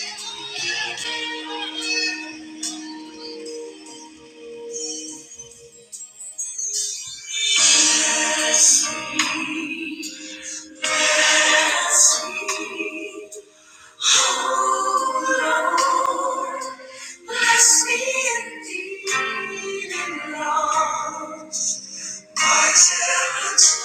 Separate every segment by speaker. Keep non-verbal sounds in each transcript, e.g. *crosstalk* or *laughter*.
Speaker 1: Bless me indeed and Lord, my talents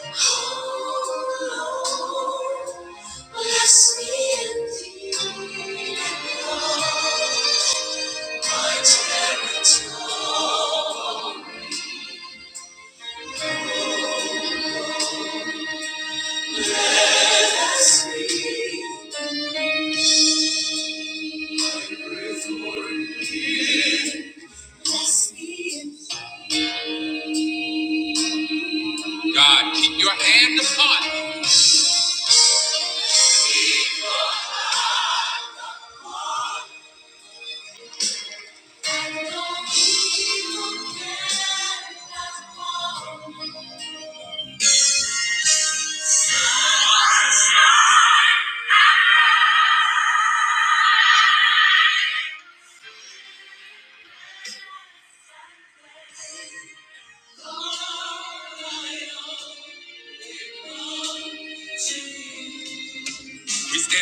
Speaker 1: Oh Lord, bless me and Lord, me, bless me indeed. God, keep your hand upon. We stand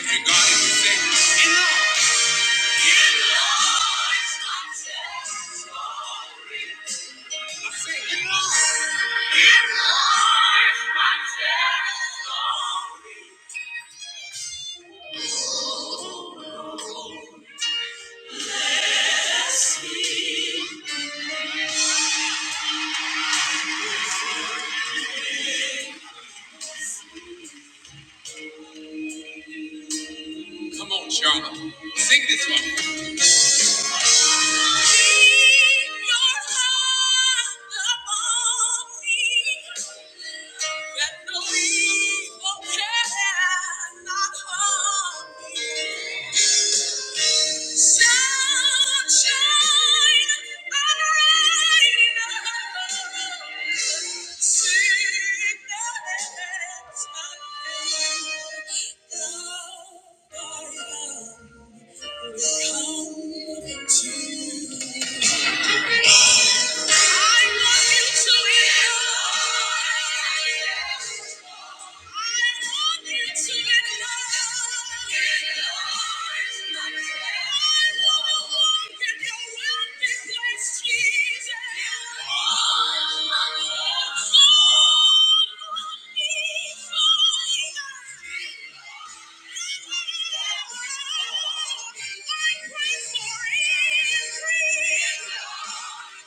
Speaker 1: for God and we say, "Enough." I say, "Enough." Come on, Charlotte. Sing this one. Thank you. I want you. to be. I pray for increase.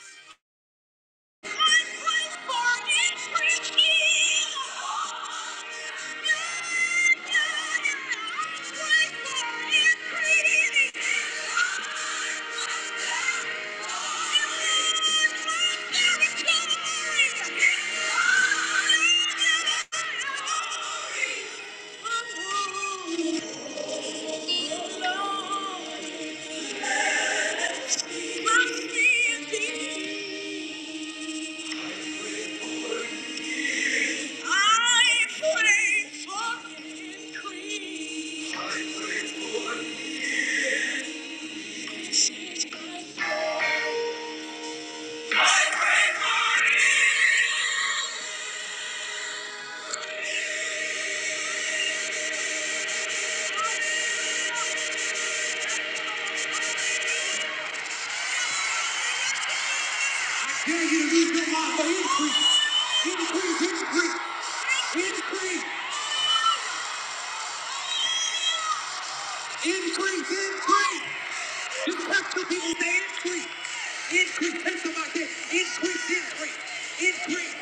Speaker 1: Thank you. I pray for increase. I pray for increase. I pray for increase. Yeah, you need your life for increase. Increase, increase, increase, increase, increase. Just touch the people and increase. Increase, take them out Increase, increase,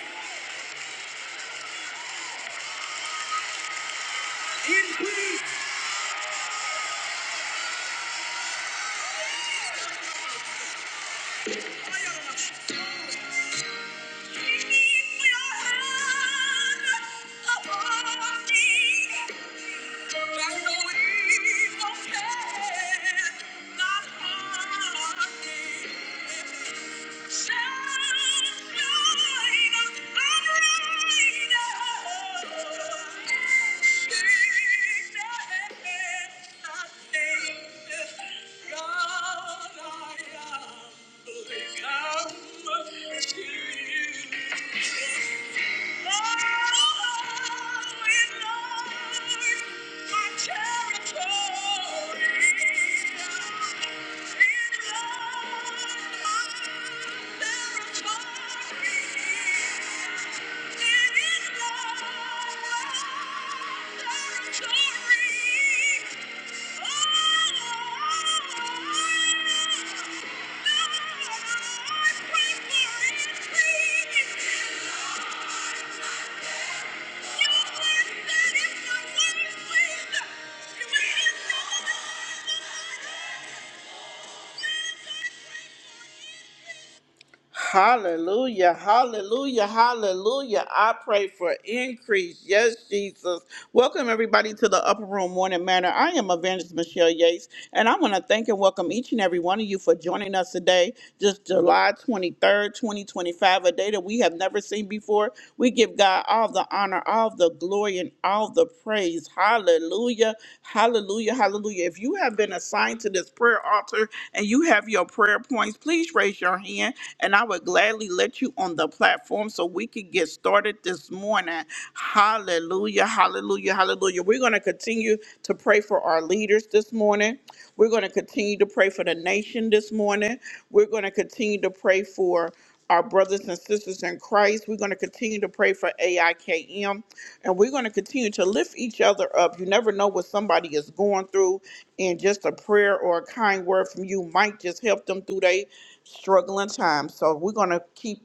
Speaker 1: increase, increase. Thank you. Thank you. Oh! Hallelujah, hallelujah, hallelujah. I pray for increase. Yes, Jesus. Welcome, everybody, to the Upper Room Morning Manor. I am Evangelist Michelle Yates, and I want to thank and welcome each and every one of you for joining us today, just July 23rd, 2025, a day that we have never seen before. We give God all the honor, all the glory. glory and all the praise. Hallelujah. Hallelujah. Hallelujah. If you have been assigned to this prayer altar and you have your prayer points, please raise your hand and I would gladly let you on the platform so we can get started this morning. Hallelujah. Hallelujah. Hallelujah. We're going to continue to pray for our leaders this morning. We're going to continue to pray for the nation this morning. We're going to continue to pray for our brothers and sisters in Christ. We're going to continue to pray for AIKM and we're going to continue to lift each other up. You never know what somebody is going through, and just a prayer or a kind word from you might just help them through their struggling time. So we're going to keep.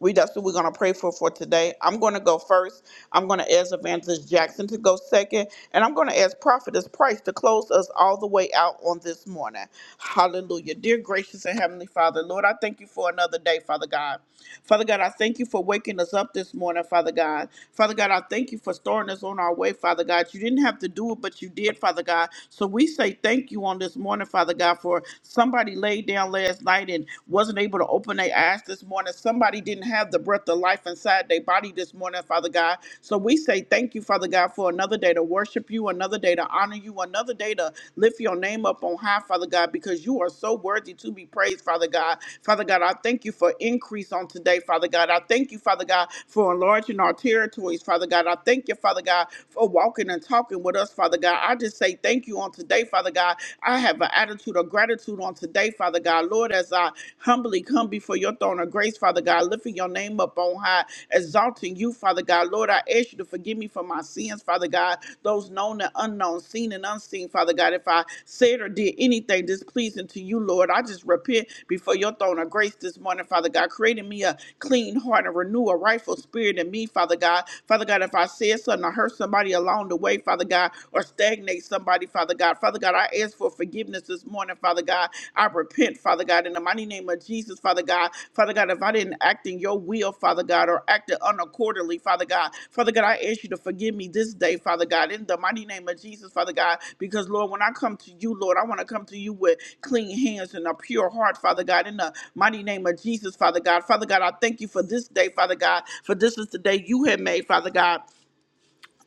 Speaker 1: We that's what we're gonna pray for for today. I'm gonna go first. I'm gonna ask Evangelist Jackson to go second, and I'm gonna ask Prophetess Price to close us all the way out on this morning. Hallelujah, dear gracious and heavenly Father, Lord, I thank you for another day, Father God. Father God, I thank you for waking us up this morning, Father God. Father God, I thank you for starting us on our way, Father God. You didn't have to do it, but you did, Father God. So we say thank you on this morning, Father God, for somebody laid down last night and and wasn't able to open their eyes this morning. Somebody didn't have the breath of life inside their body this morning, Father God. So we say thank you, Father God, for another day to worship you, another day to honor you, another day to lift your name up on high, Father God, because you are so worthy to be praised, Father God. Father God, I thank you for increase on today, Father God. I thank you, Father God, for enlarging our territories, Father God. I thank you, Father God, for walking and talking with us, Father God. I just say thank you on today, Father God. I have an have an attitude of gratitude on today, Father God. Lord, as I humbly come before your throne of grace, Father God, lifting your name up on high, exalting you, Father God. Lord, I ask you to forgive me for my sins, Father God, those known and unknown, seen and unseen, Father God. If I said or did anything displeasing to you, Lord, I just repent before your throne of grace this morning, Father God, creating me a clean heart and renew a rightful spirit in me, Father God. Father God, if I said something or hurt somebody along the way, Father God, or stagnate somebody, Father God. Father God, I ask for forgiveness this morning, Father God. I repent, Father God, in the mighty name of Jesus, Father God. Father God, if I didn't act in your will, Father God, or acted unaccordingly, Father God, Father God, I ask you to forgive me this day, Father God, in the mighty name of Jesus, Father God, because Lord, when I come to you, Lord, I want to come to you with clean hands and a pure heart, Father God, in the mighty name of Jesus, Father God. Father God, I thank you for this day, Father God, for this is the day you have made, Father God.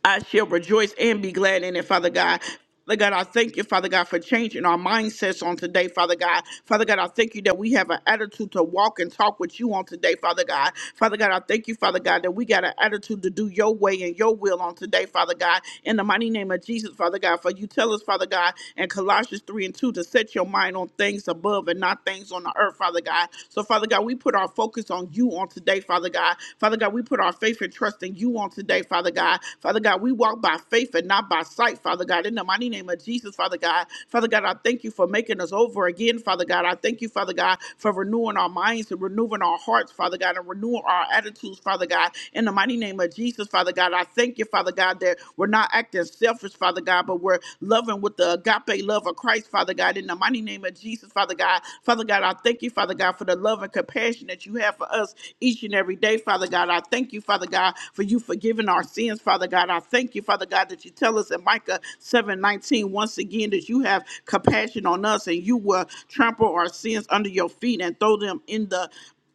Speaker 1: I shall rejoice and be glad in it, Father God. Father God, I thank you, Father God, for changing our mindsets on today, Father God. Father God, I thank you that we have an attitude to walk and talk with you on today, Father God. Father God, I thank you, Father God, that we got an attitude to do your way and your will on today, Father God. In the mighty name of Jesus, Father God, for you tell us, Father God, in Colossians 3 and 2 to set your mind on things above and not things on the earth, Father God. So, Father God, we put our focus on you on today, Father God. God. Father God, we put our faith and trust in you on today, Father God. Father God, we walk by faith and not by sight, Father God. In the mighty name of Jesus, Father God. Father God, I thank you for making us over again, Father God. I thank you, Father God, for renewing our minds and renewing our hearts, Father God, and renewing our attitudes, Father God. In the mighty name of Jesus, Father God, I thank you, Father God, that we're not acting selfish, Father God, but we're loving with the agape love of Christ, Father God. In the mighty name of Jesus, Father God. Father God, I thank you, Father. Father God, for the love and compassion that you have for us each and every day, Father God. I thank you, Father God, for you forgiving our sins, Father God. I thank you, Father God, that you tell us in Micah seven nineteen once again that you have compassion on us and you will trample our sins under your feet and throw them in the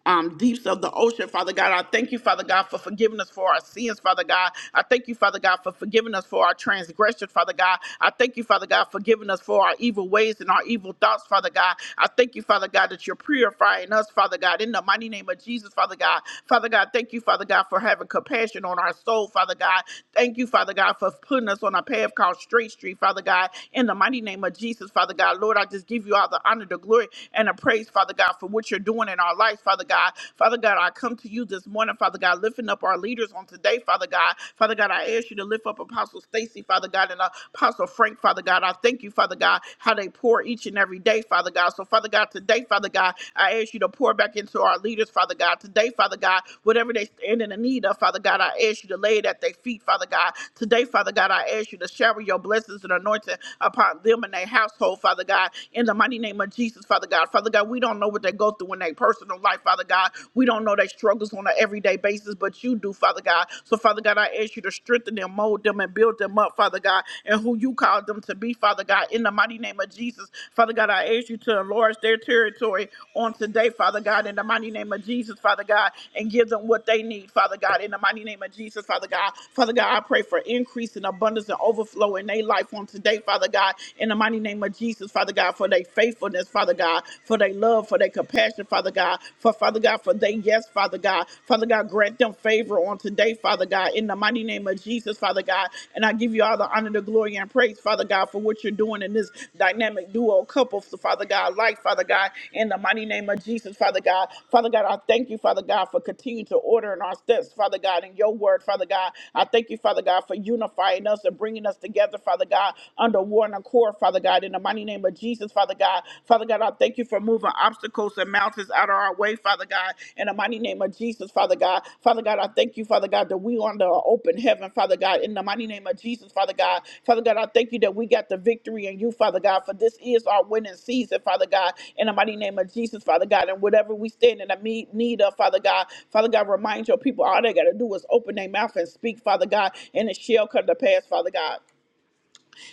Speaker 1: um, deeps of the ocean, Father God. I thank you, Father God, for forgiving us for our sins, Father God. I thank you, Father God, for forgiving us for our transgressions, Father God. I thank you, Father God, for giving us for our evil ways and our evil thoughts, Father God. I thank you, Father God, that you're purifying us, Father God, in the mighty name of Jesus, Father God. Father God, thank you, Father God, for having compassion on our soul, Father God. Thank you, Father God, for putting us on a path called Straight Street, Father God, in the mighty name of Jesus, Father God. Lord, I just give you all the honor, the glory, and the praise, Father God. God, for what you're doing in our lives, Father God. Father God, I come to you this morning, Father God, lifting up our leaders on today, Father God. Father God, I ask you to lift up Apostle Stacy, Father God, and Apostle Frank, Father God. I thank you, Father God, how they pour each and every day, Father God. So, Father God, today, Father God, I ask you to pour back into our leaders, Father God. Today, Father God, whatever they stand in the need of, Father God, I ask you to lay it at their feet, Father God. Today, Father God, I ask you to shower your blessings and anointing upon them and their household, Father God. In the mighty name of Jesus. Jesus, Father God. Father God, we don't know what they go through in their personal life, Father God. We don't know their struggles on an everyday basis, but you do, Father God. So, Father God, I ask you to strengthen them, mold them, and build them up, Father God, and who you called them to be, Father God, in the mighty name of Jesus. Father God, I ask you to enlarge their territory on today, Father God, in the mighty name of Jesus, Father God, and give them what they need, Father God, in the mighty name of Jesus, Father God. Father God, I pray for increase and abundance and overflow in their life on today, Father God, in the mighty name of Jesus. Jesus, Father God, for their faithfulness, Father God, for their love, for their compassion, Father God, for Father God, for their yes, Father God. Father God, grant them favor on today, Father God, in the mighty name of Jesus, Father God. And I give you all the honor, the glory, and praise, Father God, for what you're doing in this dynamic duo couple, Father God, life, Father God, in the mighty name of Jesus, Father God. Father God, I thank you, Father God, for continuing to order in our steps, Father God, in your word, Father God. I thank you, Father God, for unifying us and bringing us together, Father God, underwater on one accord, Father God, in the mighty name of Jesus, Father God. Father God, I thank you for moving obstacles and mountains out of our way, Father God, in the mighty name of Jesus, Father God. Father God, I thank you, Father God, that we on the open heaven, Father God, in the mighty name of Jesus, Father God. Father God, I thank you that we got the victory in you, Father God, for this is our winning season, Father God, in the mighty name of Jesus, Father God, and whatever we stand in the me- need of, Father God, Father God, remind your people all they got to do is open their mouth and speak, Father God, and it shall come to pass, Father God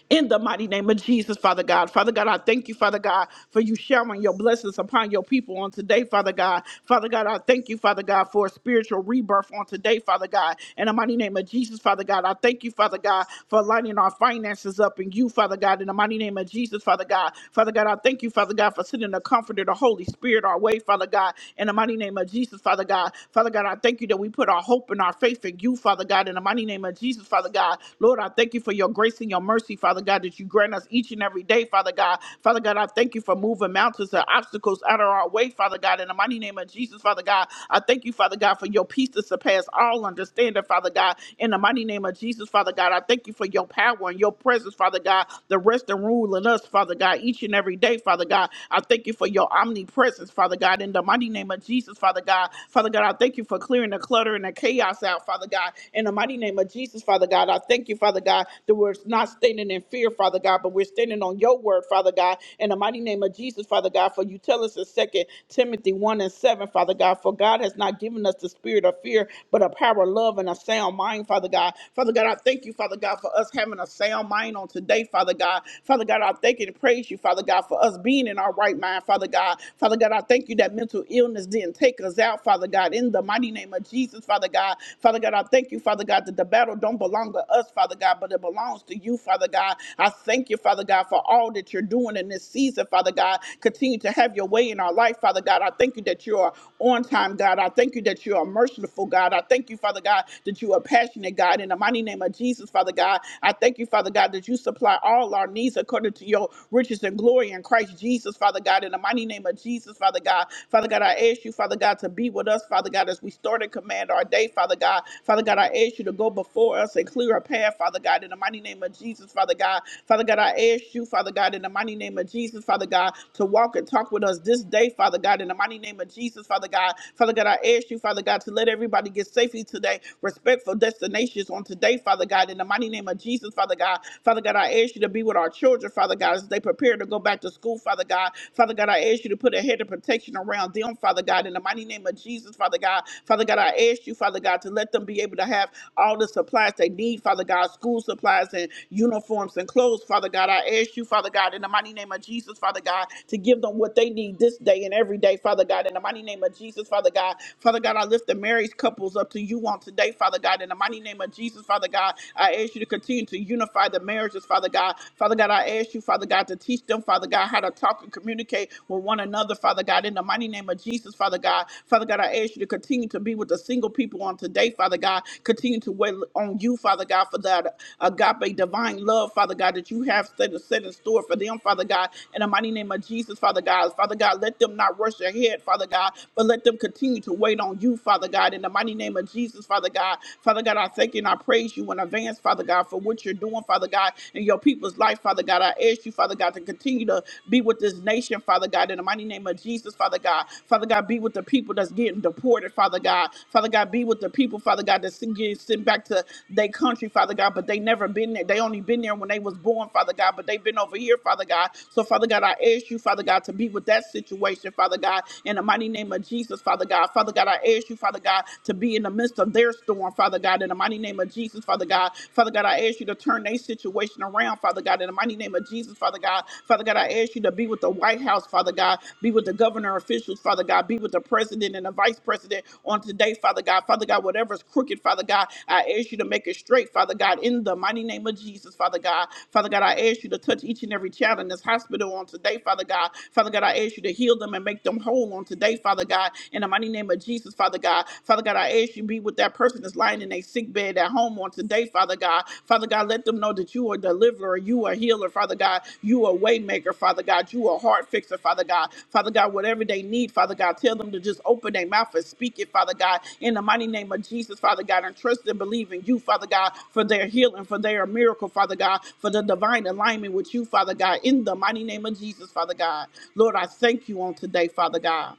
Speaker 1: in the mighty name of Jesus, Father God. Father God, I thank you, Father God, for you showering your blessings upon your people on today, Father God. Father God, I thank you, Father God, for a spiritual rebirth on today, Father God. In the mighty name of Jesus, Father God, I thank you, Father God, for lining our finances up in you, Father God. In the mighty name of Jesus, Father God. Father God, I thank you, Father God, for sending the comforter, the Holy Spirit, our way, Father God. In the mighty name of Jesus, Father God. Father God, I thank you that we put our hope and our faith in you, Father God. In the mighty name of Jesus, Father God. God. Lord, I thank you for your grace and your mercy, Father God, that you grant us each and every day, Father God. Father God, I thank you for moving mountains and obstacles out of our way, Father God. In the mighty name of Jesus, Father God, I thank you, Father God, for your peace that surpass all understanding, Father God. In the mighty name of Jesus, Father God, I thank you for your power and your presence, Father God, the rest and rule in us, Father God, each and every day, Father God. I thank you for your omnipresence, Father God. In the mighty name of Jesus, Father God. Father God, I thank you for clearing the clutter and the chaos out out, Father God. In the mighty name of Jesus, Father God, I thank you, Father God, that we're not standing in fear, Father God, but we're standing on your word, Father God. In the mighty name of Jesus, Father God, for you tell us in 2 Timothy 1 and 7, Father God, for God has not given us the spirit of fear, but a power of love and a sound mind, Father God. Father God, I thank you, Father God, for us having a sound mind on today, Father God. Father God, I thank you and praise you, Father God, for us being in our right mind, Father God. Father God, I thank you that mental illness didn't take us out, Father. Father God, in the mighty name of Jesus, Father God. Father God, I thank you, Father God, that the battle don't belong to us, Father God, but it belongs to you, Father God. I thank you, Father God, for all that you're doing in this season, Father God. Continue to have your way in our life, Father God. I thank you that you are on time, God. I thank you that you are merciful, God. I thank you, Father God, that you are passionate, God. In the mighty name of Jesus, Father God, I thank you, Father God, that you supply all our needs according to your riches and glory in Christ Jesus, Father God. In the mighty name of Jesus, Father. Father God. Father God, I ask you, Father God, to be with us, Father God, as we start and command our day, Father God. Father God, I ask you to go before us and clear a path, Father God, in the mighty name of Jesus, Father God. Father God, I ask you, Father God, in the mighty name of Jesus, Father God, to walk and talk with us this day, Father God, in the mighty name of Jesus, Father God. Father God, I ask you, Father God, to let everybody get safely today, respectful destinations on today, Father God, in the mighty name of Jesus, Father God. Father God, I ask you to be with our children, Father God, as they prepare to go back to school school, Father God. Father God, I ask you to put a head of protection around them, Father God, in the mighty name of Jesus, Father God. Father God, I ask you, Father God, to let them be able to have all the supplies they need, Father God, school supplies and uniforms and clothes, Father God. I ask you, Father God, in the mighty name of Jesus, Father God, to give them what they need this day and every day, Father God, in the mighty name of Jesus, Father God. Father God, I lift the marriage couples up to you on today, Father God, in the mighty name of Jesus, Father God. I ask you to continue to unify the marriages, Father God. Father God, I ask you, Father God, to teach them, Father God, how to talk and communicate with one another, Father God, in the mighty name of Jesus, Father God. Father God, I ask you to continue to be with the single people on today, Father God. Continue to wait on you, Father God, for that agape divine love, Father God, that you have set, set in store for them, Father God, in the mighty name of Jesus, Father God. Father God, let them not rush ahead, Father God, but let them continue to wait on you, Father God, in the mighty name of Jesus, Father God. Father God, I thank you and I praise you in advance, Father God. God, for what you're doing, Father God, in your people's life, Father God. I ask you, Father God, to continue to be with this nation, Father God, in the mighty name of Jesus, Father God. Father God, be with the people that's getting deported, Father God. Father God, be with the people, Father God, that's getting sent back to their country, Father God, but they never been there. They only been there when they was born, Father God, but they've been over here, Father God. So, Father God, I ask you, Father God, to be with that situation, Father God, in the mighty name of Jesus, Father God. Father God, I ask you, Father God, to be in the midst of their storm, Father. Father God, in the mighty name of Jesus, Father God. Father God, I ask you to turn their situation around, Father God, in the mighty name of Jesus, Father God. Father God, I ask you to be with the White House, Father God, be with the governor officials, Father God, be with the president and the vice president on today, Father God. Father God, whatever's crooked, Father God, I ask you to make it straight, Father God, in the mighty name of Jesus, Father God. Father God, I ask you to touch each and every child in this hospital on today, Father God. Father God, I ask you to heal them and make them whole on today, Father God. In the mighty name of Jesus, Father God. God. Father God, I ask you be with that person that's lying in a sick bed at home on today, Father God. Father God, let them know that you are a deliverer, you are a healer, Father God. You are a way maker, Father God. You are a heart fixer, Father God. Father God, whatever they need, Father God, tell them to just open their mouth and speak it, Father God. In the mighty name of Jesus, Father God, and trust and believe in you, Father God, for their healing, for their miracle, Father God, for the divine alignment with you, Father God. In the mighty name of Jesus, Father God. Lord, I thank you on today, Father God.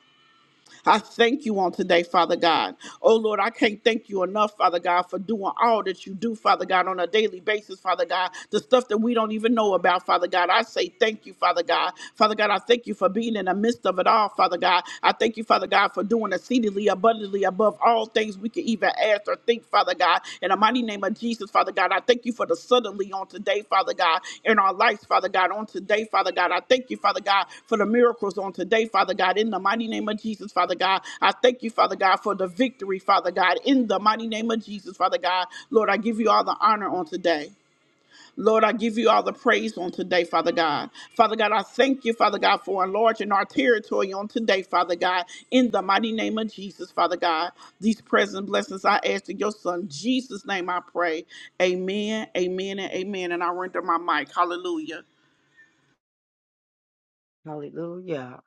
Speaker 1: I thank you on today, Father God. Oh Lord, I can't thank you enough, Father God, for doing all that you do, Father God, on a daily basis, Father God. The stuff that we don't even know about, Father God. I say thank you, Father God. Father God, I thank you for being in the midst of it all, Father God. I thank you, Father God, for doing exceedingly abundantly above all things we can even ask ask or think, Father God. In the mighty name of Jesus, Father God, I thank you for the suddenly on today, Father God, in our lives, Father God, on today, Father God. I thank you, Father God, for the miracles on today, Father God. In the mighty name of Jesus, Father God, I thank you, Father God, for the victory, Father God. In the mighty name of Jesus, Father God, Lord, I give you all the honor on today. Lord, I give you all the praise on today, Father God. Father God, I thank you, Father God, for enlarging our territory on today, Father God, in the mighty name of Jesus, Father God. These present blessings I ask in your Son, Jesus' name, I pray. Amen, amen, and amen. And I render my mic. Hallelujah.
Speaker 2: Hallelujah.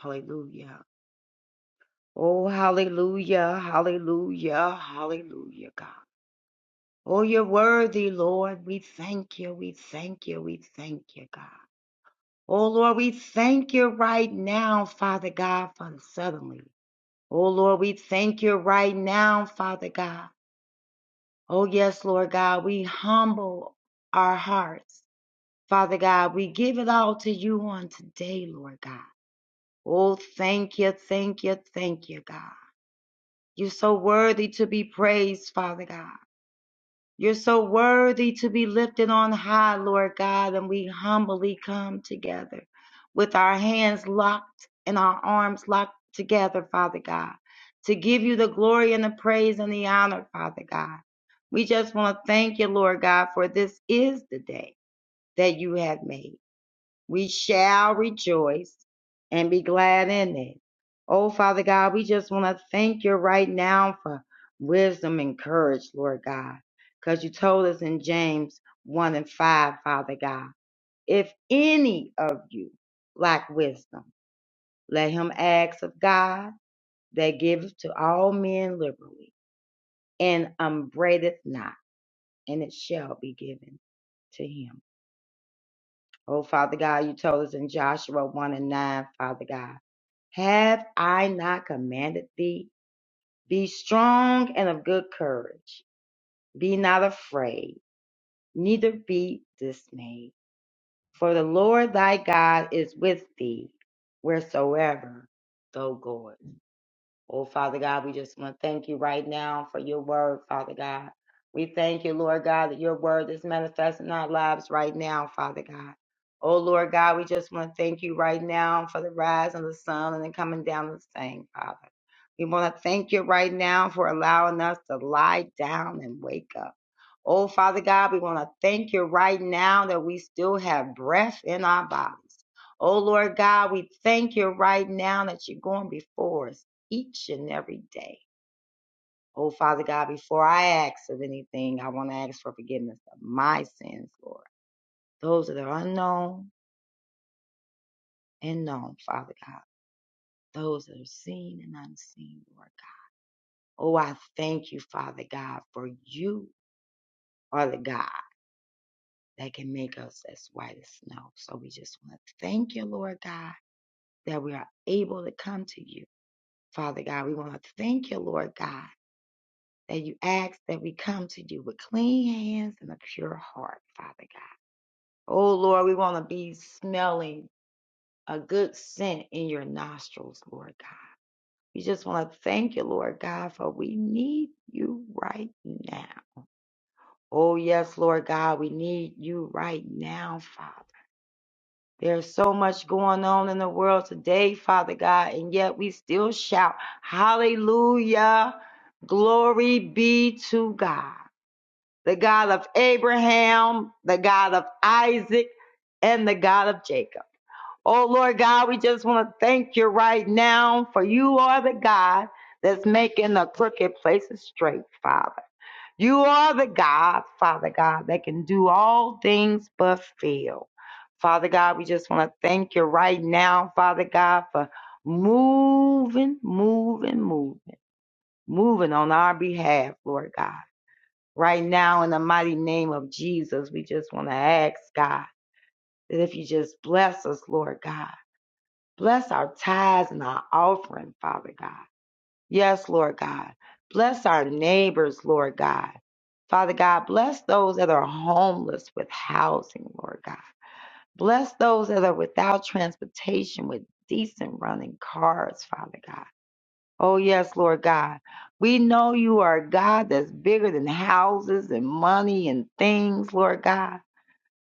Speaker 2: Hallelujah. Oh, hallelujah. Hallelujah. Hallelujah, God. Oh, you're worthy, Lord. We thank you. We thank you. We thank you, God. Oh, Lord, we thank you right now, Father God, for the suddenly. Oh, Lord, we thank you right now, Father God. Oh, yes, Lord God, we humble our hearts. Father God, we give it all to you on today, Lord God. Oh, thank you, thank you, thank you, God. You're so worthy to be praised, Father God. You're so worthy to be lifted on high, Lord God, and we humbly come together with our hands locked and our arms locked together, Father God, to give you the glory and the praise and the honor, Father God. We just want to thank you, Lord God, for this is the day that you have made we shall rejoice and be glad in it. Oh, Father God, we just want to thank you right now for wisdom and courage, Lord God, because you told us in James 1 and 5, Father God, if any of you lack wisdom, let him ask of God that giveth to all men liberally and upbraideth not, and it shall be given to him. Oh, Father God, you told us in Joshua 1 and 9, Father God, have I not commanded thee? Be strong and of good courage. Be not afraid, neither be dismayed. For the Lord thy God is with thee wheresoever thou goest. Oh, Father God, we just want to thank you right now for your word, Father God. We thank you, Lord God, that your word is manifest in our lives right now, Father God. Oh, Lord God, we just want to thank you right now for the rise of the sun and the coming down of the same, Father. We want to thank you right now for allowing us to lie down and wake up. Oh, Father God, we want to thank you right now that we still have breath in our bodies. Oh, Lord God, we thank you right now that you're going before us each and every day. Oh, Father God, before I ask of anything, I want to ask for forgiveness of my sins, Lord. Those that are unknown and known, Father God. Those that are seen and unseen, Lord God. Oh, I thank you, Father God, for you are the God that can make us as white as snow. So we just want to thank you, Lord God, that we are able to come to you. Father God, we want to thank you, Lord God, that you ask that we come to you with clean hands and a pure heart, Father God. Oh Lord, we want to be smelling a good scent in your nostrils, Lord God. We just want to thank you, Lord God, for we need you right now. Oh yes, Lord God, we need you right now, Father. There's so much going on in the world today, Father God, and yet we still shout, Hallelujah, glory be to God. the God of Abraham, the God of Isaac, and the God of Jacob. Oh Lord God, we just want to thank you right now for you are the God that's making the crooked places straight, Father. You are the God, Father God, that can do all things but fail. Father God, we just want to thank you right now, Father God, for moving, moving, moving, moving on our behalf, Lord God right now in the mighty name of Jesus. We just want to ask God that if you just bless us, Lord God, bless our tithes and our offering, Father God. Yes, Lord God. Bless our neighbors, Lord God. Father God, bless those that are homeless with housing, Lord God. Bless those that are without transportation with decent running cars, Father God. Oh, yes, Lord God. We know you are a God that's bigger than houses and money and things, Lord God.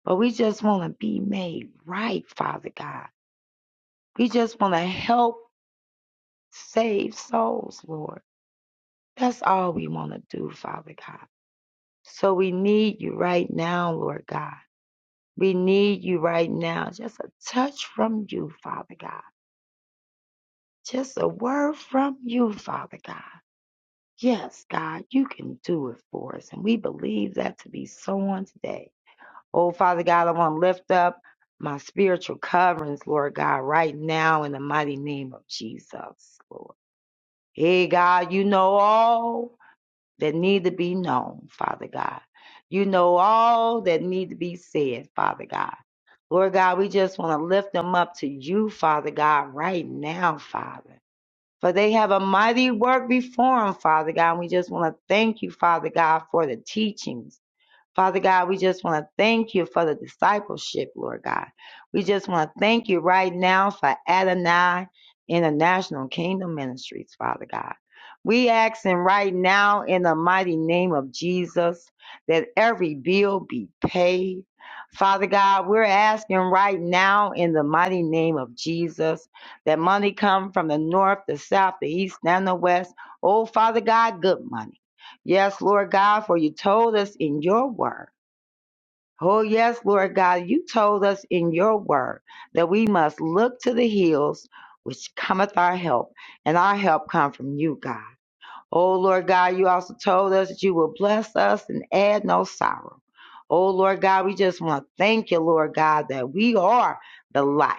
Speaker 2: But we just want to be made right, Father God. We just want to help save souls, Lord. That's all we want to do, Father God. So we need you right now, Lord God. We need you right now. Just a touch from you, Father God. Just a word from you, Father God. Yes, God, you can do it for us. And we believe that to be so on today. Oh, Father God, I want to lift up my spiritual coverings, Lord God, right now in the mighty name of Jesus, Lord. Hey, God, you know all that need to be known, Father God. You know all that need to be said, Father God. Lord God, we just want to lift them up to you, Father God, right now, Father for they have a mighty work before them, Father God. And we just want to thank you, Father God, for the teachings. Father God, we just want to thank you for the discipleship, Lord God. We just want to thank you right now for Adonai International Kingdom Ministries, Father God. We asking right now in the mighty name of Jesus that every bill be paid. Father God, we're asking right now in the mighty name of Jesus that money come from the north, the south, the east, and the west. Oh, Father God, good money. Yes, Lord God, for you told us in your word. Oh, yes, Lord God, you told us in your word that we must look to the hills which cometh our help, and our help come from you, God. Oh, Lord God, you also told us that you will bless us and add no sorrow. Oh, Lord God, we just want to thank you, Lord God, that we are the light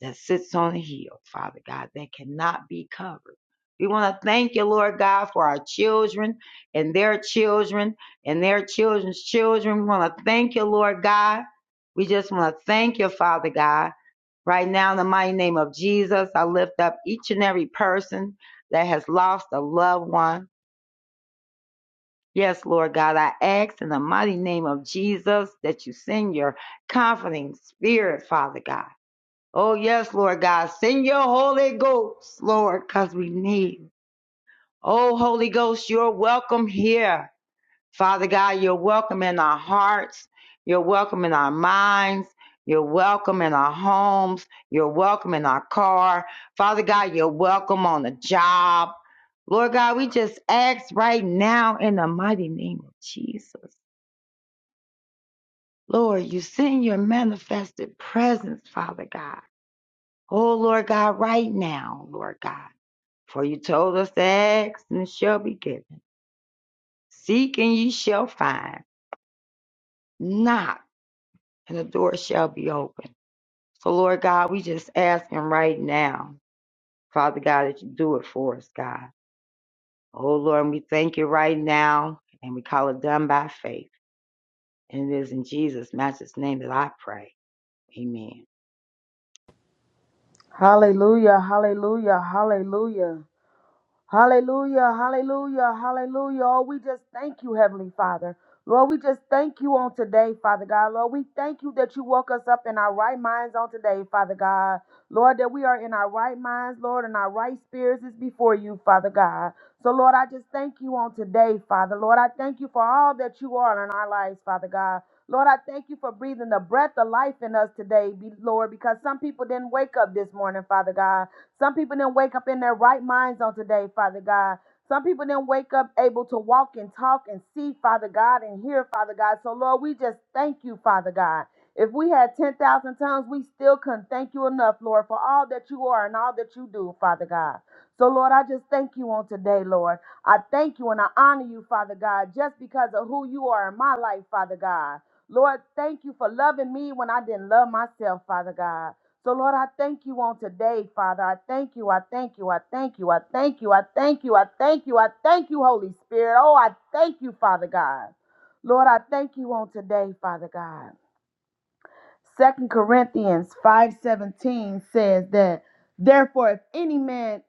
Speaker 2: that sits on a hill, Father God, that cannot be covered. We want to thank you, Lord God, for our children and their children and their children's children. We want to thank you, Lord God. We just want to thank you, Father God. Right now, in the mighty name of Jesus, I lift up each and every person that has lost a loved one. Yes, Lord God, I ask in the mighty name of Jesus that you send your comforting spirit, Father God Oh, yes, Lord God. Send your Holy Ghost, Lord, because we need. Oh, Holy Ghost, you're welcome here. Father God, you're welcome in our hearts. You're welcome in our minds. You're welcome in our homes. You're welcome in our car. Father God, you're welcome on the job. Lord God, we just ask right now in the mighty name of Jesus. Lord, you send your manifested presence, Father God. Oh, Lord God, right now, Lord God. For you told us to ask, and it shall be given. Seek, and ye shall find. Knock, and the door shall be open. So, Lord God, we just asking right now, Father God, that you do it for us, God. Oh, Lord, and we thank you right now, and we call it done by faith. And it is in Jesus' matchless name that I pray. Amen.
Speaker 3: Hallelujah, hallelujah, hallelujah. Hallelujah, hallelujah, hallelujah. Oh, we just thank you, Heavenly Father. Lord, we just thank you on today, Father God. Lord, we thank you that you woke us up in our right minds on today, Father God. Lord, that we are in our right minds, Lord, and our right spirits is before you, Father God. So, Lord, I just thank you on today, Father. Lord, I thank you for all that you are in our lives, Father God. Lord, I thank you for breathing the breath of life in us today, be- Lord, because some people didn't wake up this morning, Father God. Some people didn't wake up in their right minds on today, Father God. Some people didn't wake up able to walk and talk and see, Father God, and hear, Father God. So, Lord, we just thank you, Father God. If we had 10,000 tongues, we still couldn't thank you enough, Lord, for all that you are and all that you do, Father God. So, Lord, I just thank you on today, Lord. I thank you and I honor you, Father God, just because of who you are in my life, Father God. Lord, thank you for loving me when I didn't love myself, Father God. So, Lord, I thank you on today, Father. I thank you. I thank you. I thank you. I thank you. I thank you. I thank you. I thank you, Holy Spirit. Oh, I thank you, Father God. Lord, I thank you on today, Father God. Second Corinthians 5:17 says that therefore if any man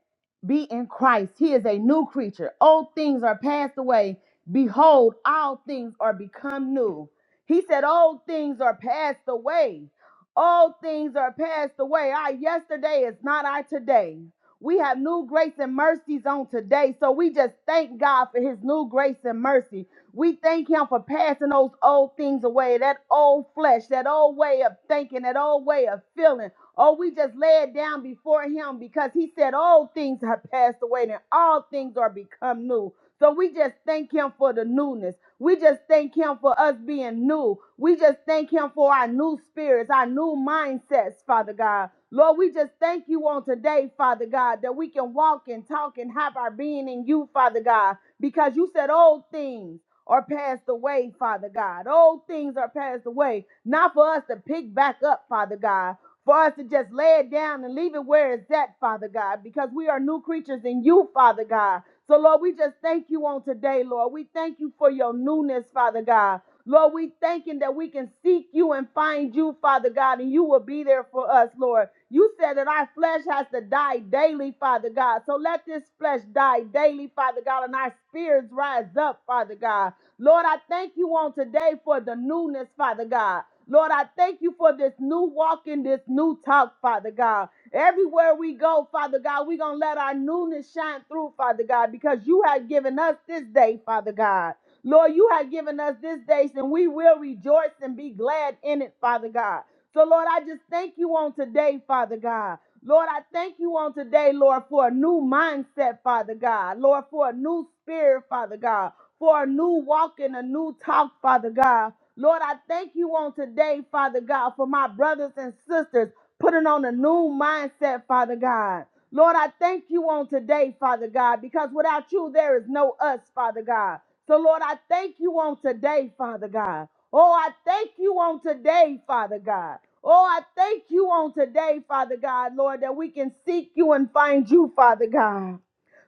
Speaker 3: be in Christ, he is a new creature. Old things are passed away. Behold, all things are become new. He said, Old things are passed away. All things are passed away. Our yesterday is not our today. We have new grace and mercies on today. So we just thank God for his new grace and mercy. We thank him for passing those old things away, that old flesh, that old way of thinking, that old way of feeling. Oh, we just lay it down before him because he said all things have passed away and all things are become new. So we just thank him for the newness. We just thank him for us being new. We just thank him for our new spirits, our new mindsets, Father God. Lord, we just thank you on today, Father God, that we can walk and talk and have our being in you, Father God, because you said old things are passed away, Father God. Old things are passed away, not for us to pick back up, Father God. For us to just lay it down and leave it where it's at, Father God, because we are new creatures in you, Father God. So, Lord, we just thank you on today, Lord. We thank you for your newness, Father God. Lord, we thanking that we can seek you and find you, Father God, and you will be there for us, Lord. You said that our flesh has to die daily, Father God. So let this flesh die daily, Father God, and our spirits rise up, Father God. Lord, I thank you on today for the newness, Father God. Lord, I thank you for this new walk and this new talk, Father God. Everywhere we go, Father God, we're going to let our newness shine through, Father God, because you have given us this day, Father God. Lord, you have given us this day, and we will rejoice and be glad in it, Father God. So, Lord, I just thank you on today, Father God. Lord, I thank you on today, Lord, for a new mindset, Father God. Lord, for a new spirit, Father God. For a new walk and a new talk, Father God. Lord, I thank you on today, Father God, for my brothers and sisters putting on a new mindset, Father God. Lord, I thank you on today, Father God, because without you, there is no us, Father God. So, Lord, I thank you on today, Father God. Oh, I thank you on today, Father God. Oh, I thank you on today, Father God, Lord, that we can seek you and find you, Father God.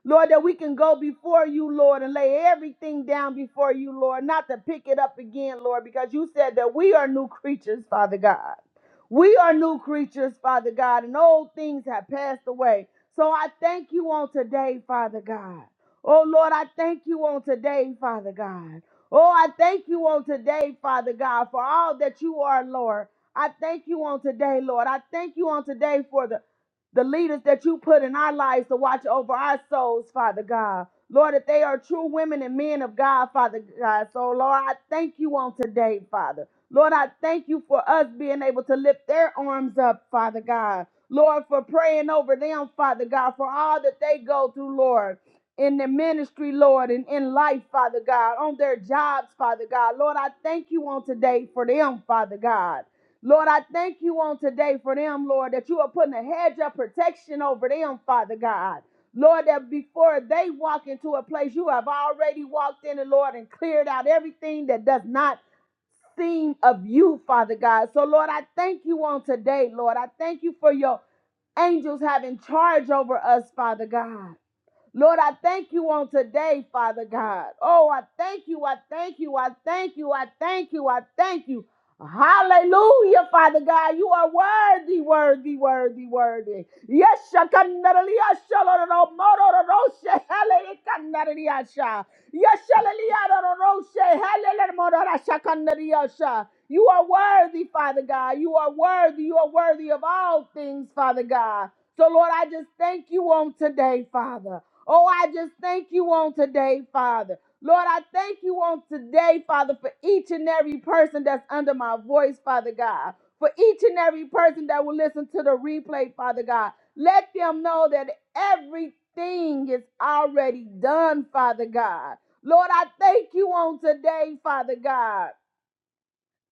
Speaker 3: Lord, that we can go before you, Lord, and lay everything down before you, Lord, not to pick it up again, Lord, because you said that we are new creatures, Father God. We are new creatures, Father God, and old things have passed away. So I thank you on today, Father God. Oh Lord, I thank you on today, Father God. Oh, I thank you on today, Father God, for all that you are, Lord. I thank you on today, Lord. I thank you on today for the the leaders that you put in our lives to watch over our souls, Father God. Lord, that they are true women and men of God, Father God. So, Lord, I thank you on today, Father. Lord, I thank you for us being able to lift their arms up, Father God. Lord, for praying over them, Father God, for all that they go through, Lord. In the ministry, Lord, and in life, Father God, on their jobs, Father God. Lord, I thank you on today for them, Father God. Lord, I thank you on today for them, Lord, that you are putting a hedge of protection over them, Father God. Lord, that before they walk into a place, you have already walked in, and Lord, and cleared out everything that does not seem of you, Father God. So, Lord, I thank you on today, Lord. I thank you for your angels having charge over us, Father God. Lord, I thank you on today, Father God. Oh, I thank you, I thank you, I thank you, I thank you, I thank you. Hallelujah, Father God. You are worthy, worthy, worthy, worthy. Yes, shakandaraliasha, lororomorororoshe, halelikandaraliasha. Yes, shalaliarororoshe, halelelemororashakandariasha. You are worthy, Father God. You are worthy. You are worthy of all things, Father God. So, Lord, I just thank you on today, Father. Oh, I just thank you on today, Father. Lord, I thank you on today, Father, for each and every person that's under my voice, Father God. For each and every person that will listen to the replay, Father God. Let them know that everything is already done, Father God. Lord, I thank you on today, Father God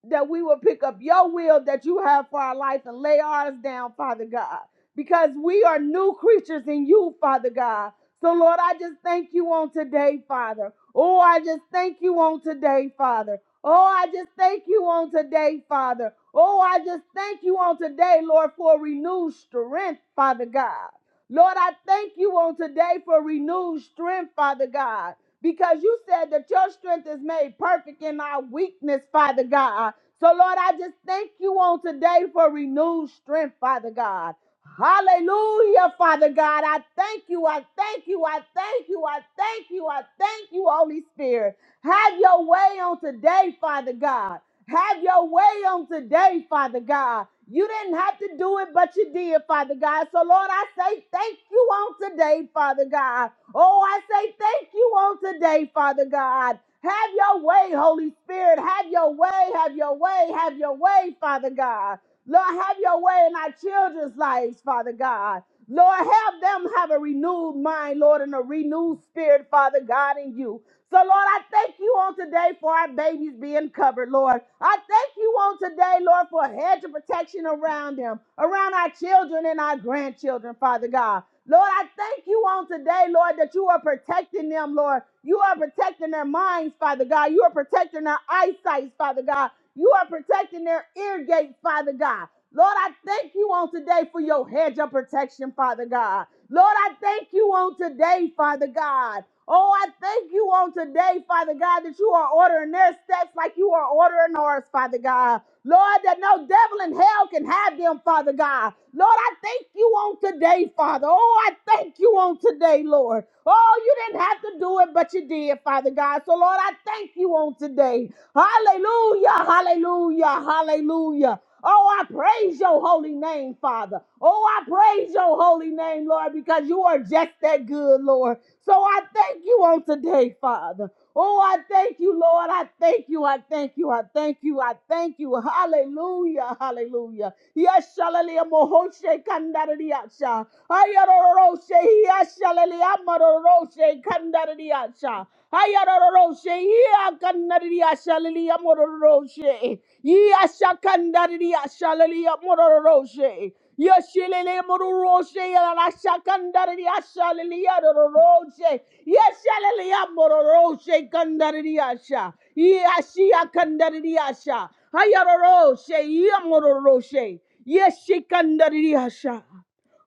Speaker 3: that we will pick up your will that you have for our life and lay ours down, Father God, because we are new creatures in you, Father God. So, Lord, I just thank you on today, Father. Oh, I just thank you on today, Father. Oh, I just thank you on today, Father. Oh, I just thank you on today, Lord, for renewed strength, Father God. Lord, I thank you on today for renewed strength, Father God because you said that your strength is made perfect in our weakness, Father God. So, Lord, I just thank you on today for renewed strength, Father God. Hallelujah, Father God. I thank you. I thank you. I thank you. I thank you. I thank you, Holy Spirit. Have your way on today, Father God. Have your way on today, Father God. You didn't have to do it, but you did, Father God. So, Lord, I say thank you on today, Father God. Oh, I say thank you on today, Father God. Have your way, Holy Spirit. Have your way, have your way, have your way, Father God. Lord, have your way in our children's lives, Father God. Lord, help them have a renewed mind, Lord, and a renewed spirit, Father God, in you. So, Lord, I thank you on today for our babies being covered, Lord. I thank you on today, Lord, for a hedge of protection around them, around our children and our grandchildren, Father God. Lord, I thank you on today, Lord, that you are protecting them, Lord. You are protecting their minds, Father God. You are protecting their eyesight, Father God. You are protecting their ear gates, Father God. Lord, I thank you on today for your hedge of protection, Father God. Lord, I thank you on today, Father God. Oh, I thank you on today, Father God, that you are ordering their steps like you are ordering ours, Father God. Lord, that no devil in hell can have them, Father God. Lord, I thank you on today, Father. Oh, I thank you on today, Lord. Oh, you didn't have to do it, but you did, Father God. So, Lord, I thank you on today. Hallelujah, hallelujah, hallelujah. Oh, I praise your holy name, Father. Oh, I praise your holy name, Lord, because you are just that good, Lord. So I thank you on today, Father. Oh, I thank you, Lord. I thank you. I thank you. I thank you. I thank you. Hallelujah. Hallelujah. Yes, shalalia mohoshe kandaradiacha. Ayaroroshe. Yes, shalalia mororoshe kandaradiacha. Ayaroroshe. Yeah, kandaradiacha. Lalia mororoshe. Yes, kandaradiacha. Lalia mororoshe. Yes, shalalia mororoshe. Yalasha kandaradiacha. Lalia mororoshe. Yeshalaya mororo shekandariasha. Yashia kandariasha. Hayaroro she yamororo she. Yeshikandariasha.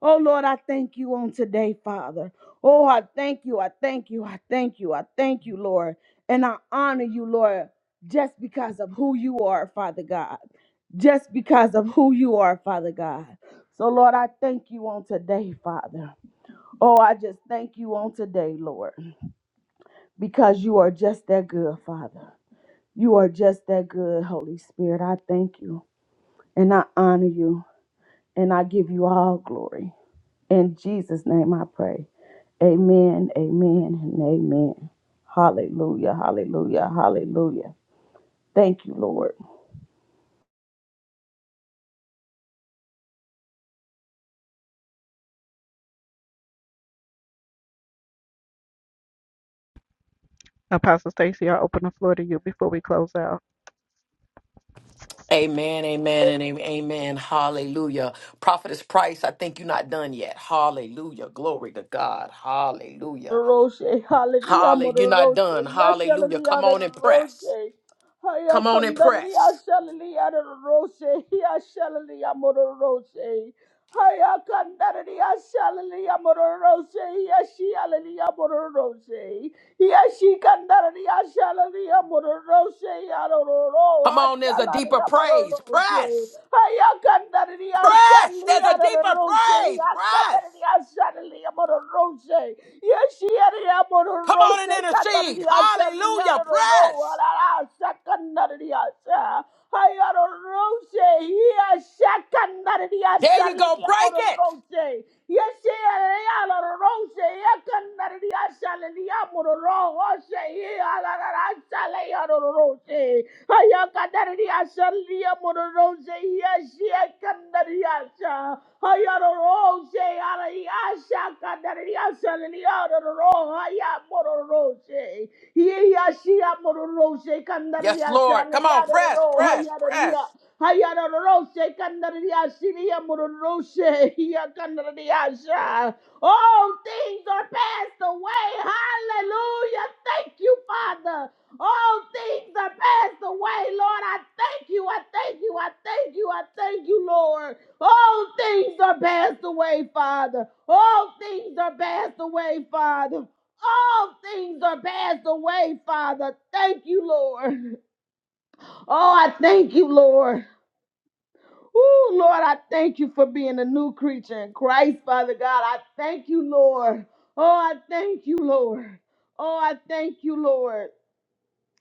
Speaker 3: Oh Lord, I thank you on today, Father. Oh, I thank you. I thank you. I thank you. I thank you, Lord. And I honor you, Lord, just because of who you are, Father God. Just because of who you are, Father God. So, Lord, I thank you on today, Father. Oh, I just thank you on today, Lord because you are just that good, Father. You are just that good, Holy Spirit. I thank you and I honor you and I give you all glory. In Jesus' name I pray. Amen, amen, and amen. Hallelujah, hallelujah, hallelujah. Thank you, Lord.
Speaker 1: Apostle Stacy, I open the floor to you before we close out.
Speaker 4: Amen, amen, and am- amen. Hallelujah. Prophetess Price, I think you're not done yet. Hallelujah. Glory to God. Hallelujah.
Speaker 3: Roshe, hallelujah,
Speaker 4: Hallelujah. You're
Speaker 3: Mother
Speaker 4: not
Speaker 3: Roshe,
Speaker 4: done. Hallelujah.
Speaker 3: Yashalalia,
Speaker 4: Come
Speaker 3: the
Speaker 4: on and press.
Speaker 3: Roshe, Haya
Speaker 4: Come on and
Speaker 3: Condaria,
Speaker 4: press.
Speaker 3: Shalalia, the Roshe, Yashalalia, Mother Roshe, Haya Condaria, Shalalia, Mother Roshe, Yashialalia, Mother Roshe, Yashi Condaria, Shalalia, Mother Roshe, Yaroro,
Speaker 4: Come on, there's a deeper
Speaker 3: Ashalalia, Mother
Speaker 4: praise.
Speaker 3: Roshe,
Speaker 4: Press. Press. There's a deeper praise. Press. Come on and intercede. Hallelujah. Press. There you go. Break it.
Speaker 3: Yes, Ayakandariasa lia mororose iasia kandariasa. Ayarorose araiasa kandariasa liaroro haya mororose. Iasia mororose
Speaker 4: Yes,
Speaker 3: kandariasa
Speaker 4: Lord. Come on. Press,
Speaker 3: liaroro
Speaker 4: press, press.
Speaker 3: hayaria. Ayarorose kandariasa lia mororose ia All things are passed away. Hallelujah. Thank you, Father. All things are passed away, Lord. I thank you. I thank you. I thank you. I thank you, Lord. All things are passed away, Father. All things are passed away, Father. All things are passed away, Father. Thank you, Lord. Oh, I thank you, Lord. Oh, Lord, I thank you for being a new creature in Christ, Father God. I thank you, Lord. Oh, I thank you, Lord. Oh, I thank you, Lord.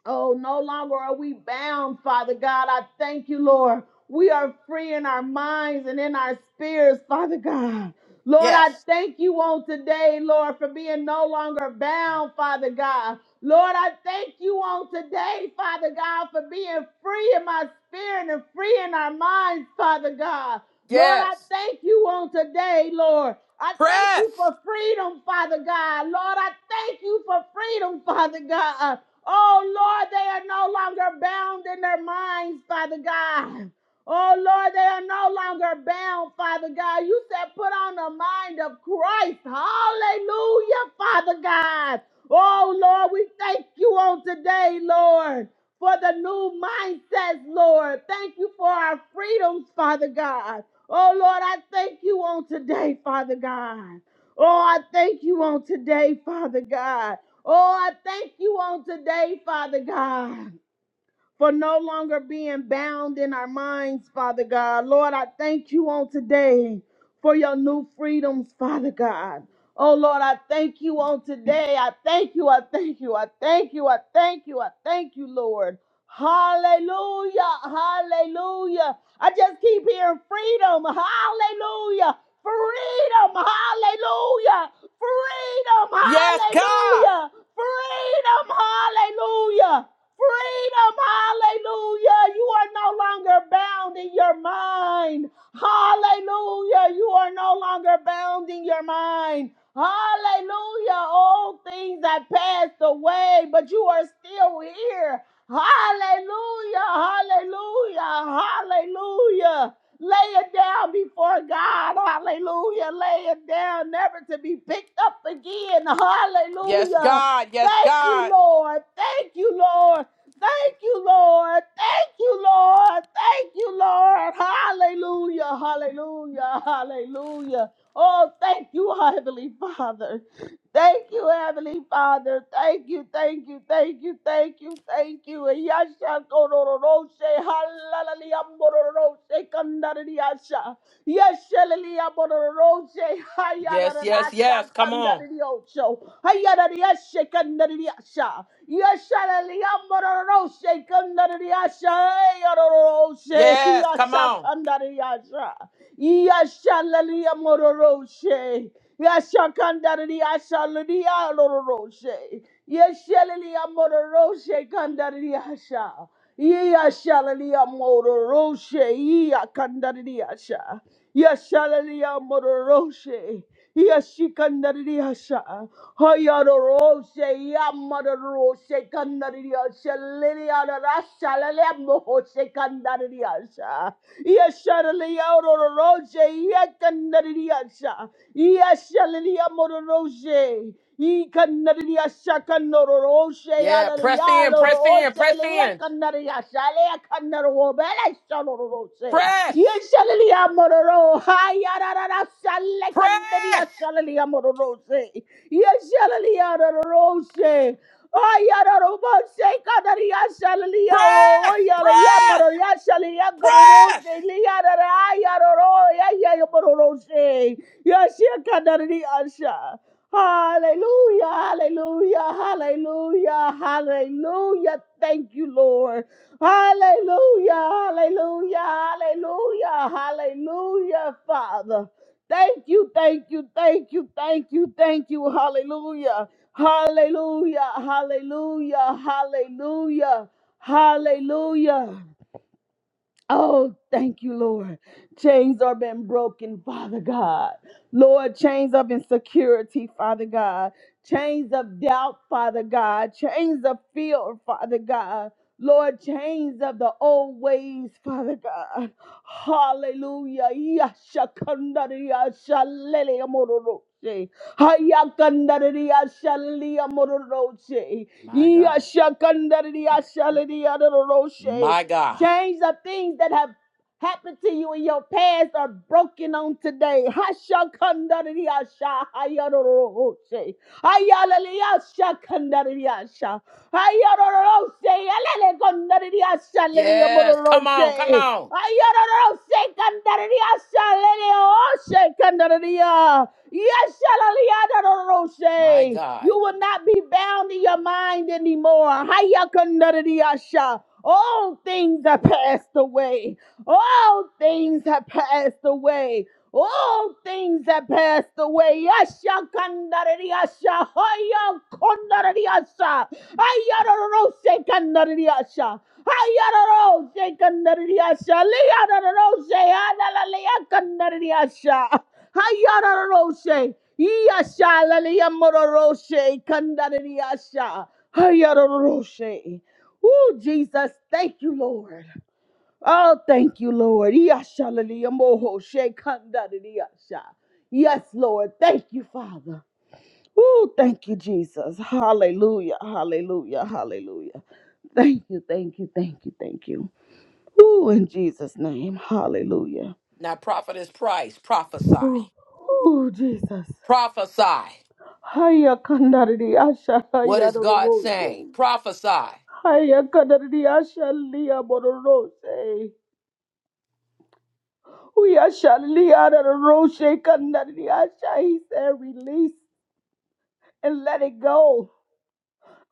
Speaker 3: Oh, no longer are we bound, Father God. I thank you, Lord. We are free in our minds and in our spirits, Father God. Lord, I
Speaker 4: Yes.
Speaker 3: thank you on today, Lord, for being no longer bound, Father God. Lord, I thank you on today, Father God, for being free in my spirit and free in our minds, Father God. Lord, I
Speaker 4: Yes.
Speaker 3: thank you on today, Lord. I thank you
Speaker 4: Press.
Speaker 3: for freedom, Father God. Lord, I thank you for freedom, Father God. Oh Lord, they are no longer bound in their minds, Father God. Oh Lord, they are no longer bound, Father God. You said put on the mind of Christ. Hallelujah, Father God. Oh Lord, we thank you on today, Lord, for the new mindsets, Lord. Thank you for our freedoms, Father God. Oh Lord, I thank you on today, Father God. Oh, I thank you on today, Father God. Oh, I thank you on today, Father God for no longer being bound in our minds, Father God. Lord, I thank you on today for your new freedoms, Father God. Oh Lord, I thank you on today. I thank you. I thank you. I thank you. I thank you. I thank you, Lord. Hallelujah. Hallelujah. I just keep hearing freedom. Hallelujah. Freedom. Hallelujah. Freedom.
Speaker 4: Yes, God.
Speaker 3: Hallelujah. Freedom. Hallelujah. Freedom, hallelujah. You are no longer bound in your mind. Hallelujah. You are no longer bound in your mind. Hallelujah. All things that passed away, but you are still here. Hallelujah. Hallelujah. Hallelujah. Lay it down before God. Hallelujah. Lay it down, never to be picked up again.
Speaker 4: Yes,
Speaker 3: Hallelujah.
Speaker 4: God. Yes,
Speaker 3: Thank you,
Speaker 4: God.
Speaker 3: Lord. Thank you, Lord. Thank you, Lord. Thank you, Lord. Thank you, Lord. Hallelujah. Hallelujah. Hallelujah. Oh, thank you, Heavenly Father. Thank you, Heavenly Father. Thank you, thank you, thank you, thank you, thank you. And Yasha korororoshe halalalia morororoshe kandariyasha. Yeshalilia morororoshe
Speaker 4: Yes, yes,
Speaker 3: hayaranasha
Speaker 4: yes. Come on.
Speaker 3: kandariyosho. Hayarariyashe kandariyasha. Yeshalilia morororoshe kandariyasha. Yayororoshe
Speaker 4: Yes, come
Speaker 3: yasha
Speaker 4: on.
Speaker 3: kandariyasha. *laughs* Yashalalia mororoshe. Yashakandaria shalalia lororoshe. Yashalalia mororoshe kandaria sha. Yashalalia mororoshe. Yakandaria sha. Yashalalia mororoshe. Yeshikandariyasha. Hayaroroshe, yamaroroshe, kandariyasha, liriyararasha, lalemohoshe, kandariyasha. Yesharaliyaororoshe, yakandariyasha. Yeshaliyamororoshe. He kanariya shakanoro she
Speaker 4: Yeah, press
Speaker 3: alariya
Speaker 4: in, press
Speaker 3: loro
Speaker 4: in,
Speaker 3: she
Speaker 4: press
Speaker 3: leya
Speaker 4: in.
Speaker 3: kanariya shaleya kanaro bele shaloro she. Ye
Speaker 4: Press,
Speaker 3: shaleya mororo hayarara shale kanariya
Speaker 4: press,
Speaker 3: shaleya mororo she. Ye shaleya mororo she. Ayararo she kanariya shaleya o
Speaker 4: press,
Speaker 3: yaleya
Speaker 4: press,
Speaker 3: mororo shaleya gororo
Speaker 4: press.
Speaker 3: she leya rara ayararo ya ya mororo she. Ye shaleya kanariya shaleya. Hallelujah, hallelujah, hallelujah, hallelujah. Thank you, Lord. Hallelujah, hallelujah, hallelujah, hallelujah, Father. Thank you, thank you, thank you, thank you, thank you. Hallelujah, hallelujah, hallelujah, hallelujah, hallelujah. Oh, thank you, Lord. Chains are been broken, Father God. Lord, chains of insecurity, Father God. Chains of doubt, Father God. Chains of fear, Father God. Lord, chains of the old ways, Father God. Hallelujah. Yashakandariya shalele amororoshe. Hayakandariya shalele amororoshe.
Speaker 4: My God.
Speaker 3: Yashakandariya shalele amororoshe.
Speaker 4: My God.
Speaker 3: Chains of things that have happened to you in your past are broken on today. Hashakandariyashahayaroroshe. Ayaleliyasha kandariyasha. Ayarorose alele kandariyasha leliya
Speaker 4: Yes, come on, come
Speaker 3: mororose.
Speaker 4: on.
Speaker 3: Ayarorose kandariyasha leliyoshe kandariya. Yasha
Speaker 4: My
Speaker 3: leliyadororose. You
Speaker 4: God.
Speaker 3: will not be bound in your mind anymore. Haya kandariyasha. All things have passed away. All things have passed away. All things that passed away. Yasha kandarari yasha. Haya kondarari yasha. Ayararo se kandarari yasha. Ayararo se kandarari yasha. Liyararo se analalaya kandarari yasha. Ayararo se. Yasha lalaya mororo se kandarari yasha. Ayararo se. Oh, Jesus, thank you, Lord. Oh, thank you, Lord. Yashalaliyamboho shekandadidiyasha. Yes, ah. Yes, Lord. Thank you, Father. Oh, thank you, Jesus. Hallelujah. Hallelujah. Hallelujah. Thank you. Thank you. Thank you. Thank you. Oh, in Jesus' name. Hallelujah.
Speaker 4: Now, prophetess Price,
Speaker 3: Oh,
Speaker 4: prophesy.
Speaker 3: oh Jesus.
Speaker 4: Prophesy.
Speaker 3: Haya kandadidiyasha,
Speaker 4: What
Speaker 3: haya
Speaker 4: is God saying?
Speaker 3: dororose.
Speaker 4: Prophesy.
Speaker 3: Haya kandadidiyasha, liyabororose. We are Shalili out of the Roshe Kanadi Asha. He said, release and let it go.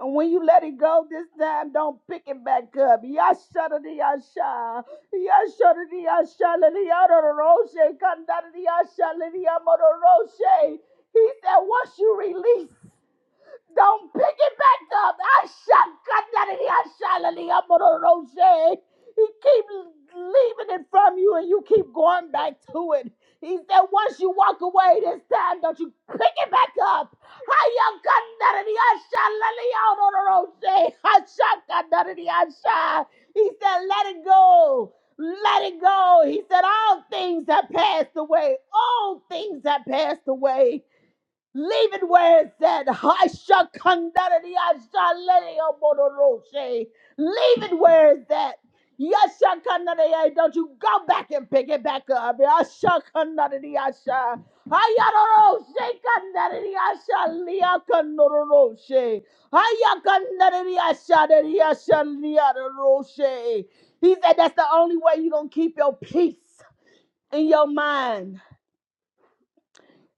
Speaker 3: And when you let it go this time, don't pick it back up. Yasha the Yasha. Yasha the Yasha. Lili out of the Roshe Kanadi Asha. Lili out of the Roshe. He said, once you release. Don't pick it back up. I shall cut that in the Ashalaliyamororoshe. He keeps leaving it from you and you keep going back to it. He said, once you walk away this time, don't you pick it back up. Hayakandariyashalaliyamororoshe. Hashakadariyasha. He said, let it go. Let it go. He said, all things have passed away. All things have passed away. Leave it where it's at. I shall conduct it. I shall let it up on the road, say. Leave it where it's at. Yes, shall conduct it. Don't you go back and pick it back up. I shall conduct it. I shall. I don't know. Say conduct it. I shall. Leah conduct road, say. I conduct it. I shall. I shall. Leah the road, say. He said that's the only way you're going to keep your peace in your mind.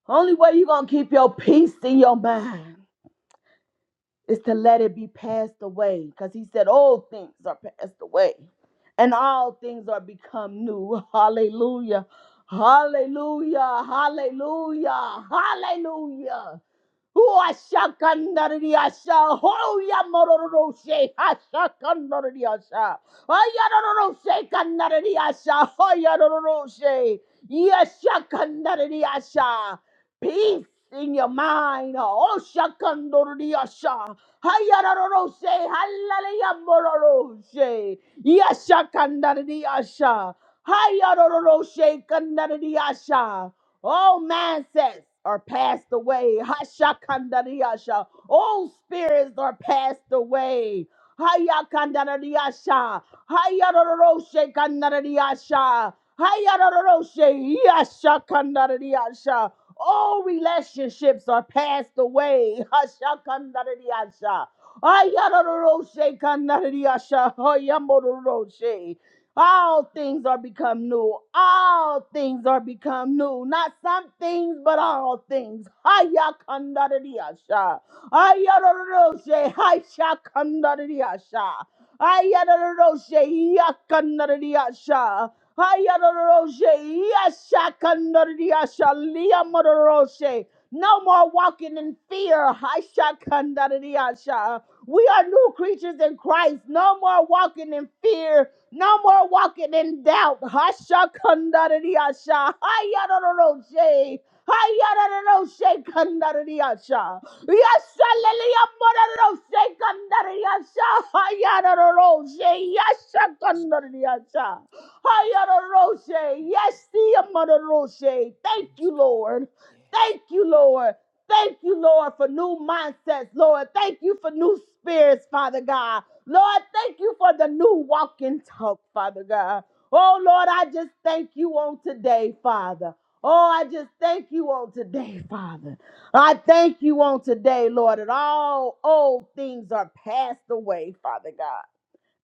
Speaker 3: Only way you're going to keep your peace in your mind. is to let it be passed away because he said all things are passed away and all things are become new *laughs* hallelujah hallelujah hallelujah hallelujah Uashakandariyasha. Hoyamororoshe. Hashakandariyasha. Ayaroroshe kandariyasha. Hoyaroroshe. Yashakandariyasha. Peace in your mind. Oshakandariyasha. Hayaroroshe. Halaleyamororoshe. Yashakandariyasha. Hayaroroshe kandariyasha. All mindsets are passed away. Hashakandariasha. All spirits are passed away. Hayakandariasha. Hayaroroshe kandariasha. Hayaroroshe yasha kandariasha. All relationships are passed away. Hashakandariasha. Ayaroroshe kandariasha. Hayamororoshe. All things are become new. All things are become new. Not some things, but all things. Haya kandariyasha. Ayaroroshe. Haisha kandariyasha. Ayaroroshe. Yakandariyasha. Ayaroroshe. Yasha kandariyasha. Liyamororoshe. No more walking in fear. Haisha kandariyasha. We are new creatures in Christ. No more walking in fear. No more walking in doubt. Hashakandariasha. Hayaroroshe. Hayaroroshe kandariasha. Yashaleliyamororoshe kandariasha. Hayaroroshe. Yashakandariasha.
Speaker 4: Yes,
Speaker 3: Hayaroroshe. Yasiyamororoshe. Thank
Speaker 4: yes,
Speaker 3: you,
Speaker 4: God.
Speaker 3: Lord.
Speaker 4: yes.
Speaker 3: Thank you, Lord. Thank you, Lord, for new mindsets, Lord. Thank you for new spirits, Father God. Lord, thank you for the new walk and talk, Father God. Oh, Lord, I just thank you on today, Father. Oh, I just thank you on today, *laughs* Father. I thank you on today, Lord, that all old things are passed away, Father God,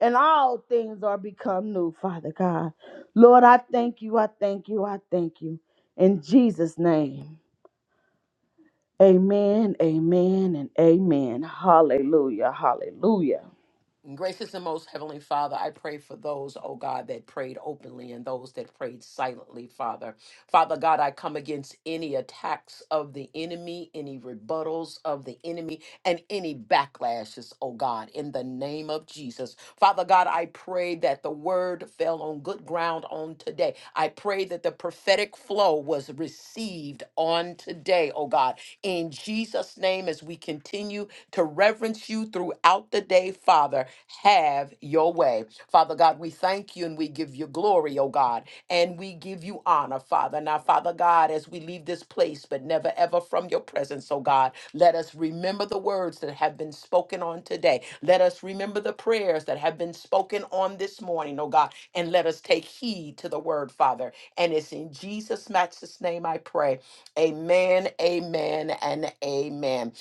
Speaker 3: and all things are become new, Father God. Lord, I thank you, I thank you, I thank you. In Jesus' name, amen, amen, and amen. Hallelujah, hallelujah.
Speaker 4: Gracious and most heavenly Father, I pray for those, oh God, that prayed openly and those that prayed silently, Father. Father God, I come against any attacks of the enemy, any rebuttals of the enemy, and any backlashes, oh God, in the name of Jesus. Father God, I pray that the word fell on good ground on today. I pray that the prophetic flow was received on today, oh God. In Jesus' name, as we continue to reverence you throughout the day, Father. Have your way. Father God, we thank you and we give you glory, oh God, and we give you honor, Father. Now, Father God, as we leave this place, but never ever from your presence, oh God, let us remember the words that have been spoken on today. Let us remember the prayers that have been spoken on this morning, oh God, and let us take heed to the word, Father. And it's in Jesus' matchless name I pray. Amen, amen, and amen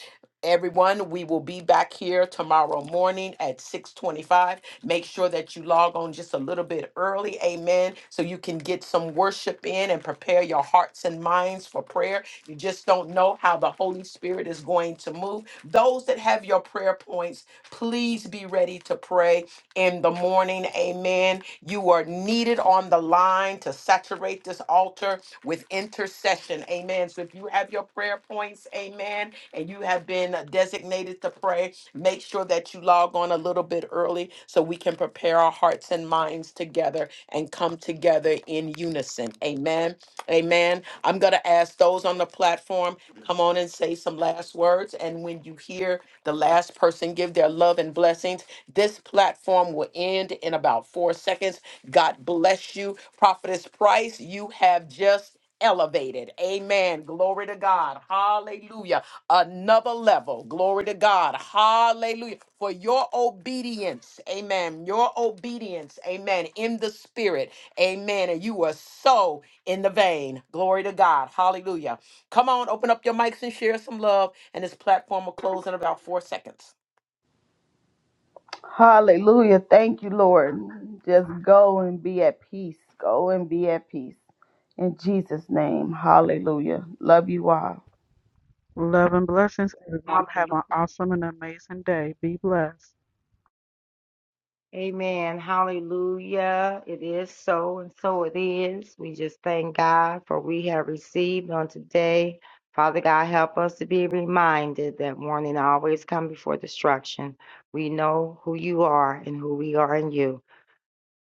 Speaker 4: everyone we will be back here tomorrow morning at 6.25 make sure that you log on just a little bit early amen so you can get some worship in and prepare your hearts and minds for prayer you just don't know how the holy spirit is going to move those that have your prayer points please be ready to pray in the morning amen you are needed on the line to saturate this altar with intercession amen so if you have your your prayer points. Amen. And you have been designated to pray. Make sure that you log on a little bit early so we can prepare our hearts and minds together and come together in unison. Amen. Amen. I'm going to ask those on the platform, come on and say some last words. And when you hear the last person give their love and blessings, this platform will end in about four seconds. God bless you. Prophetess Price, you have just elevated. Amen. Glory to God. Hallelujah. Another level. Glory to God. Hallelujah. For your obedience. Amen. Your obedience. Amen. In the spirit. Amen. And you were so in the vein. Glory to God. Hallelujah. Come on, open up your mics and share some love. And this platform will close in about four seconds.
Speaker 3: Hallelujah. Thank you, Lord. Just go and be at peace. Go and be at peace. In Jesus' name. Hallelujah. Love you all.
Speaker 1: Love and blessings, everyone. Have
Speaker 2: Hallelujah.
Speaker 1: an awesome and amazing day. Be blessed.
Speaker 2: Amen. Hallelujah. It is so, and so it is. We just thank God for we have received on today. Father God, help us to be reminded that warning always come before destruction. We know who you are and who we are in you.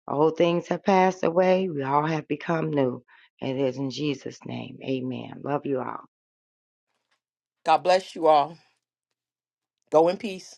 Speaker 2: All things have passed away. We all have become new. It is in Jesus' name. Amen. Love you all.
Speaker 4: God bless you all. Go in peace.